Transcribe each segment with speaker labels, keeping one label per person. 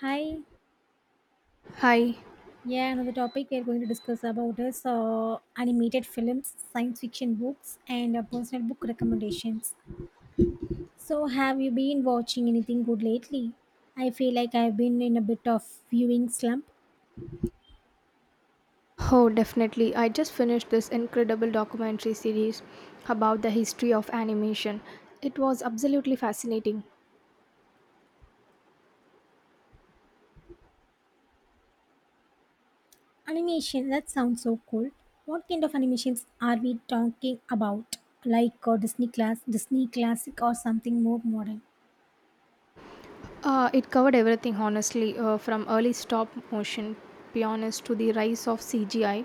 Speaker 1: Hi.
Speaker 2: Hi.
Speaker 1: Yeah, another topic we are going to discuss about is animated films, science fiction books, and personal book recommendations. So, have you been watching anything good lately? I feel like I've been in a bit of viewing slump.
Speaker 2: Oh, definitely. I just finished this incredible documentary series about the history of animation. It was absolutely fascinating.
Speaker 1: Animation, that sounds so cool. What kind of animations are we talking about? Like Disney classic, or something more modern?
Speaker 2: It covered everything, honestly, from early stop motion pioneers to the rise of CGI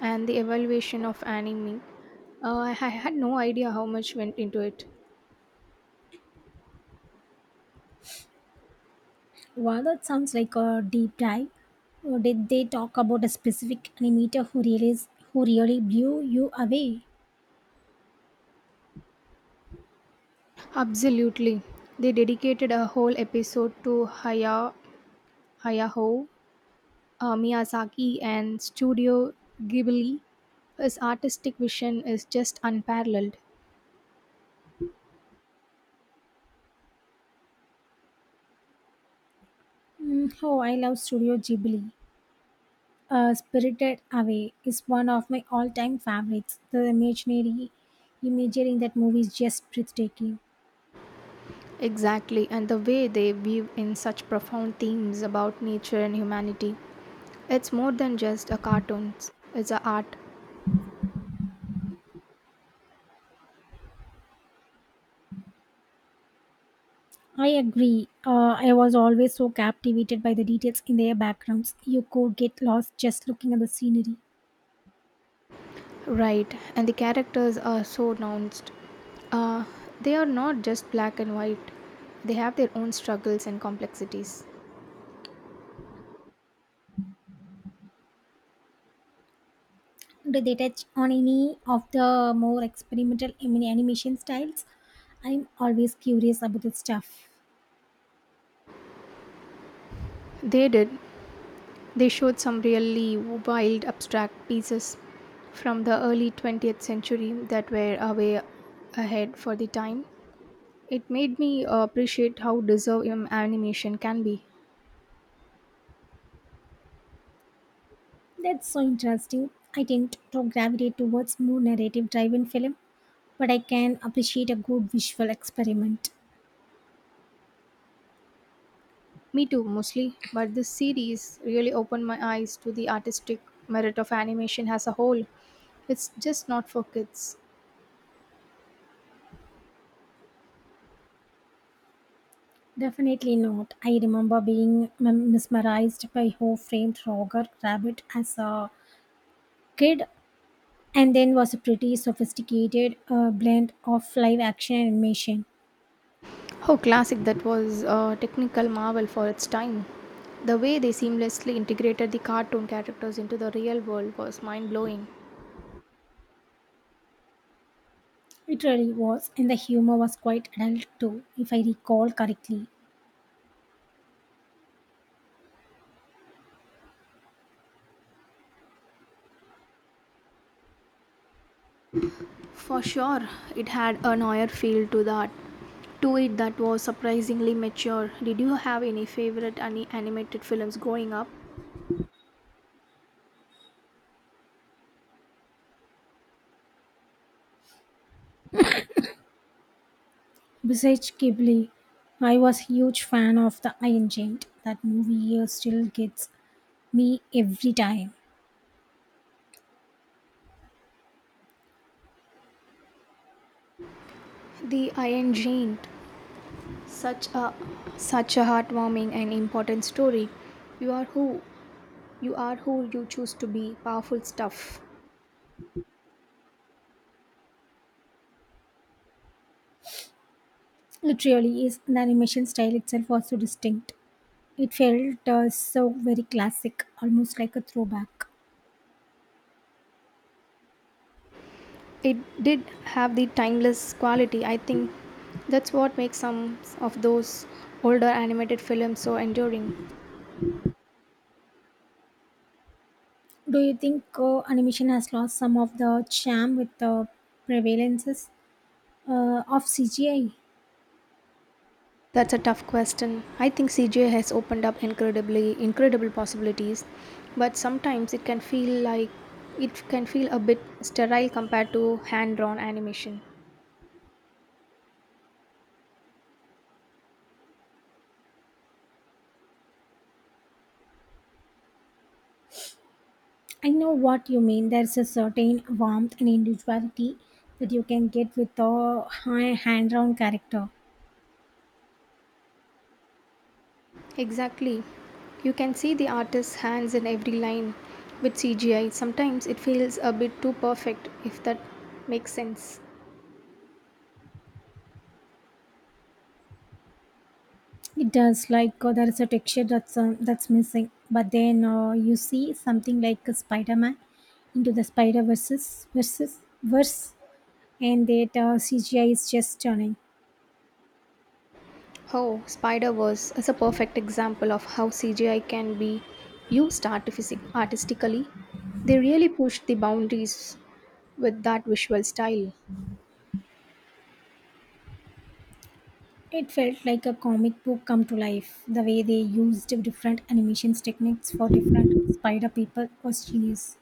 Speaker 2: and the evaluation of anime. I had no idea how much went into it.
Speaker 1: Wow, that sounds like a deep dive. Did they talk about a specific animator who really blew you away?
Speaker 2: Absolutely. They dedicated a whole episode to Hayao Miyazaki and Studio Ghibli. His artistic vision is just unparalleled.
Speaker 1: Mm, oh, I love Studio Ghibli. Spirited Away is one of my all-time favorites. The imaginary imagery in that movie is just breathtaking.
Speaker 2: Exactly, and the way they weave in such profound themes about nature and humanity. It's more than just a cartoon, it's a art.
Speaker 1: I agree. I was always so captivated by the details in their backgrounds. You could get lost just looking at the scenery.
Speaker 2: Right, and the characters are so nuanced. Uh, they are not just black and white, they have their own struggles and complexities.
Speaker 1: Do they touch on any of the more experimental animation styles? I'm always curious about the stuff.
Speaker 2: They did. They showed some really wild abstract pieces from the early 20th century that were a way ahead for the time. It made me appreciate how deserved animation can be.
Speaker 1: That's so interesting. I tend to gravitate towards more narrative driven film, but I can appreciate a good visual experiment.
Speaker 2: Me too, mostly, but this series really opened my eyes to the artistic merit of animation as a whole. It's just not for kids.
Speaker 1: Definitely not. I remember being mesmerized by who framed Roger Rabbit as a kid and then was a pretty sophisticated blend of live action animation.
Speaker 2: How classic that was a technical marvel for its time. The way they seamlessly integrated the cartoon characters into the real world was mind blowing.
Speaker 1: It really was, and the humor was quite adult too, if I recall correctly.
Speaker 2: For sure, it had a oyer feel to that. To it that was surprisingly mature. Did you have any favorite any animated films growing up?
Speaker 1: Besides Ghibli, I was huge fan of The Iron Giant. That movie still gets me every time.
Speaker 2: The Iron Giant, such a such a heartwarming and important story. You are who you are who you choose to be. Powerful stuff.
Speaker 1: It really is. The animation style itself was so distinct. It felt so very classic, almost like a throwback.
Speaker 2: It did have the timeless quality. I think that's what makes some of those older animated films so enduring.
Speaker 1: Do you think animation has lost some of the charm with the prevalences of CGI?
Speaker 2: That's a tough question. I think CJ has opened up incredibly incredible possibilities, but sometimes it can feel a bit sterile compared to hand-drawn animation.
Speaker 1: I know what you mean. There's a certain warmth and individuality that you can get with a high hand-drawn character.
Speaker 2: Exactly. You can see the artist's hands in every line. With CGI, sometimes it feels a bit too perfect if that makes sense.
Speaker 1: It does like there is a texture that's missing. But then you see something like a Spider-Man into the Spider versus verse, and that CGI is just stunning.
Speaker 2: Oh, Spider-Verse is a perfect example of how CGI can be used artistically. They really pushed the boundaries with that visual style.
Speaker 1: It felt like a comic book come to life. The way they used different animations techniques for different spider people was genius.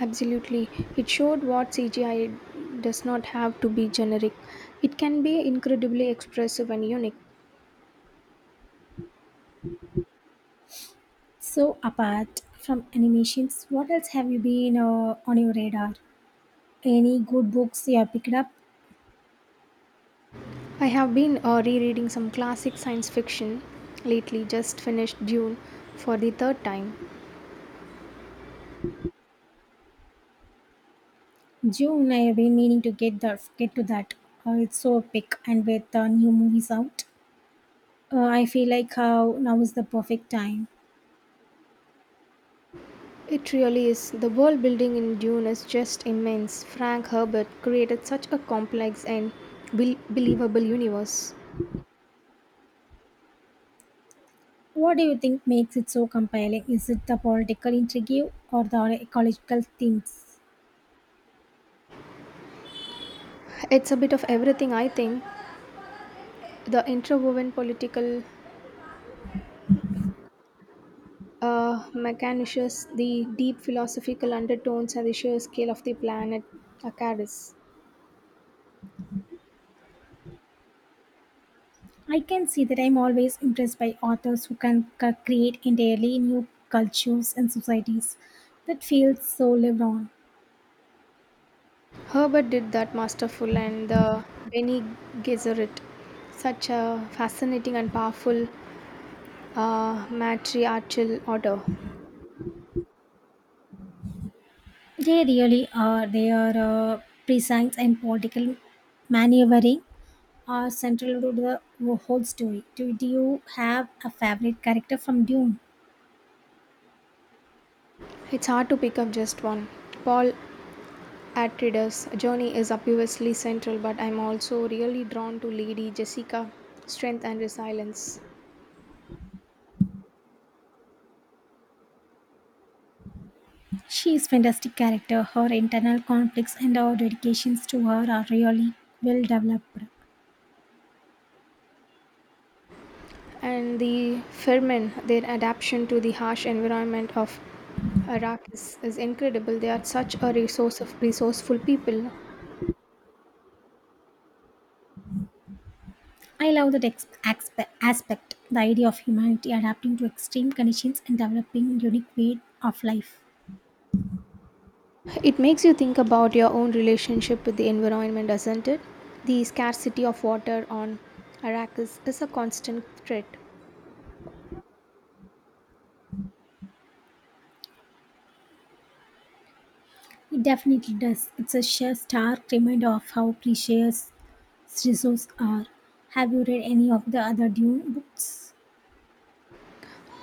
Speaker 2: Absolutely. It showed what CGI does not have to be generic. It can be incredibly expressive and unique.
Speaker 1: So, apart from animations, what else have you been on your radar? Any good books you have picked up?
Speaker 2: I have been rereading some classic science fiction lately, just finished Dune for the third time.
Speaker 1: June, I have been meaning to get to that. It's so epic, and with new movies out, I feel like how now is the perfect time.
Speaker 2: It really is. The world building in Dune is just immense. Frank Herbert created such a complex and believable universe.
Speaker 1: What do you think makes it so compelling? Is it the political intrigue or the ecological themes?
Speaker 2: It's a bit of everything, I think. The interwoven political machinations, the deep philosophical undertones, and the sheer scale of the planet Akaris.
Speaker 1: I can see that I'm always impressed by authors who can create entirely new cultures and societies that feels so lived on.
Speaker 2: Herbert did that masterful, and the Bene Gesserit, such a fascinating and powerful matriarchal order.
Speaker 1: They really are. Their presence and political maneuvering are central to the whole story. Do you have a favorite character from Dune?
Speaker 2: It's hard to pick up just one. Paul Atreides' journey is obviously central, but I'm also really drawn to Lady Jessica's strength and resilience,
Speaker 1: She is fantastic character. Her internal conflicts and her dedications to her are really well developed.
Speaker 2: and the Fremen, their adaptation to the harsh environment of Arrakis is incredible. They are such a resource of resourceful people.
Speaker 1: I love that aspect, the idea of humanity adapting to extreme conditions and developing unique way of life.
Speaker 2: It makes you think about your own relationship with the environment, doesn't it? The scarcity of water on Arrakis is a constant threat.
Speaker 1: It definitely does. It's a sheer stark reminder of how precious Jesus are. Have you read any of the other Dune books?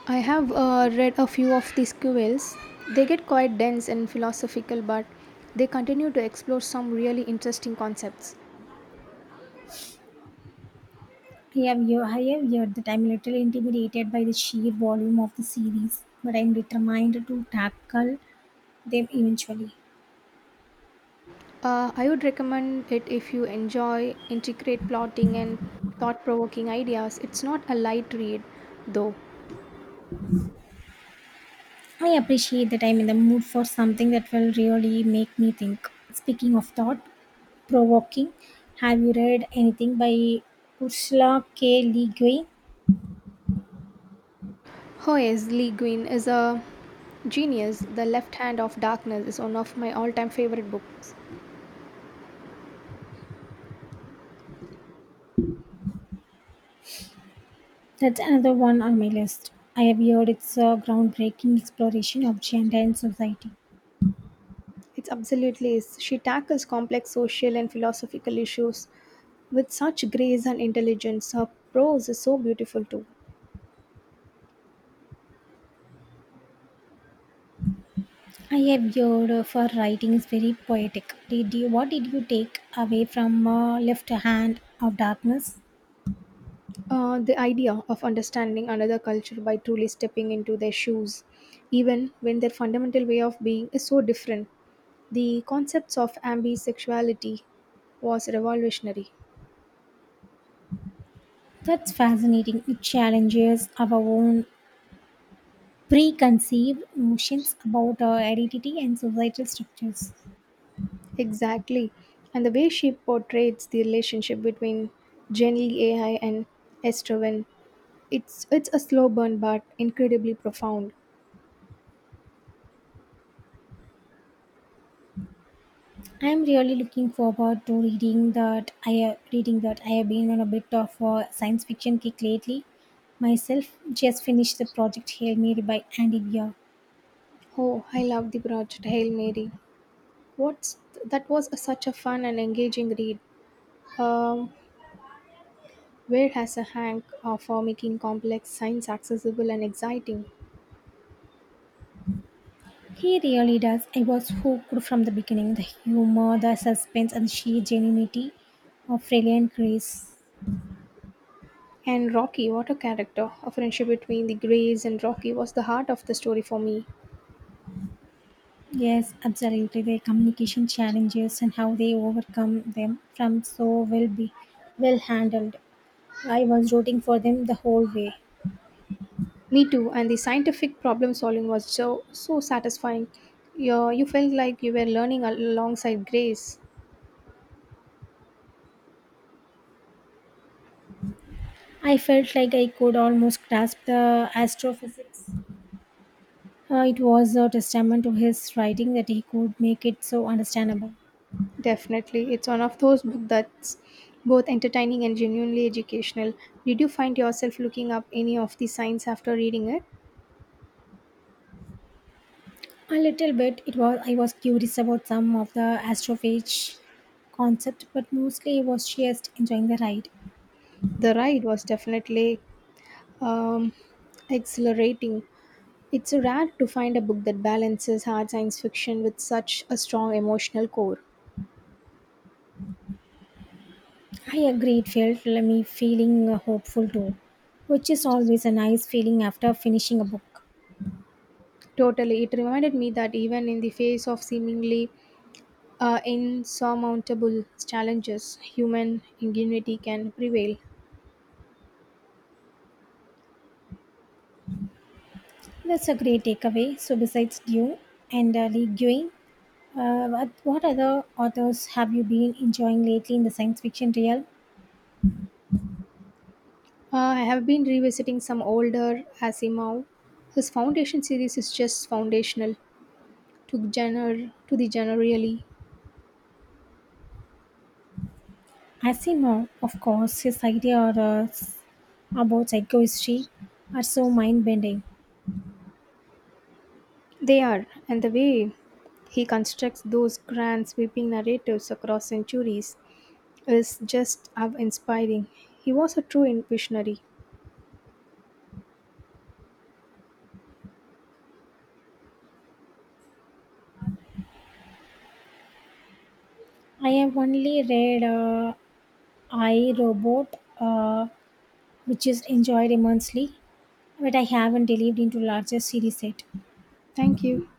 Speaker 2: I have read a few of these quills. They get quite dense and philosophical, but they continue to explore some really interesting concepts.
Speaker 1: I have heard that I'm a little intimidated by the sheer volume of the series, but I'm determined to tackle them eventually.
Speaker 2: I would recommend it if you enjoy intricate plotting and thought provoking ideas. It's not a light read, though.
Speaker 1: I appreciate that I'm in the mood for something that will really make me think. Speaking of thought provoking, have you read anything by Ursula K. Le Guin?
Speaker 2: Hoyes Lee Guin is a genius. The Left Hand of Darkness is one of my all time favorite books.
Speaker 1: That's another one on my list. I have heard it's a groundbreaking exploration of gender and society.
Speaker 2: It absolutely is. She tackles complex social and philosophical issues with such grace and intelligence. Her prose is so beautiful too.
Speaker 1: I have your for writing is very poetic. What did you take away from Left Hand of Darkness?
Speaker 2: The idea of understanding another culture by truly stepping into their shoes, even when their fundamental way of being is so different. The concepts of ambisexuality was revolutionary.
Speaker 1: That's fascinating. It challenges our own preconceived notions about our identity and societal structures.
Speaker 2: Exactly. And the way she portrays the relationship between Jenny AI and Estraven, it's a slow burn but incredibly profound.
Speaker 1: I am really looking forward to reading that. I have been on a bit of a science fiction kick lately. Myself just finished the project Hail Mary by Andy Weir.
Speaker 2: Oh, I love the project Hail Mary. What's that was a, such a fun and engaging read. Um, Wade has a hank for making complex science accessible and exciting.
Speaker 1: He really does. I was hooked from the beginning. The humor, the suspense, and the sheer genuinity of Freya and Grace.
Speaker 2: And Rocky, what a character! A friendship between the Greys and Rocky was the heart of the story for me.
Speaker 1: Yes, absolutely. The communication challenges and how they overcome them from well be well handled. I was rooting for them the whole way.
Speaker 2: Me too. And the scientific problem solving was so satisfying. You felt like you were learning alongside Grace.
Speaker 1: I felt like I could almost grasp the astrophysics. It was a testament to his writing that he could make it so understandable.
Speaker 2: Definitely, it's one of those books that's both entertaining and genuinely educational. Did you find yourself looking up any of the science after reading it?
Speaker 1: A little bit. It was I was curious about some of the astrophage concept, but mostly I was just enjoying the ride.
Speaker 2: The ride was definitely um, exhilarating. It's rare to find a book that balances hard science fiction with such a strong emotional core.
Speaker 1: I agree. It felt like me feeling hopeful too, which is always a nice feeling after finishing a book.
Speaker 2: Totally, it reminded me that even in the face of seemingly insurmountable challenges, human ingenuity can prevail.
Speaker 1: That's a great takeaway. So besides Dune and Lee Guin, what other authors have you been enjoying lately in the science fiction realm?
Speaker 2: I have been revisiting some older Asimov. His Foundation series is just foundational to the genre really.
Speaker 1: Asimov, of course, his about psychohistory are so mind-bending.
Speaker 2: They are, and the way he constructs those grand sweeping narratives across centuries is just awe inspiring. He was a true visionary.
Speaker 1: I have only read I Robot, which is enjoyed immensely, but I haven't delved into larger series yet.
Speaker 2: Thank you.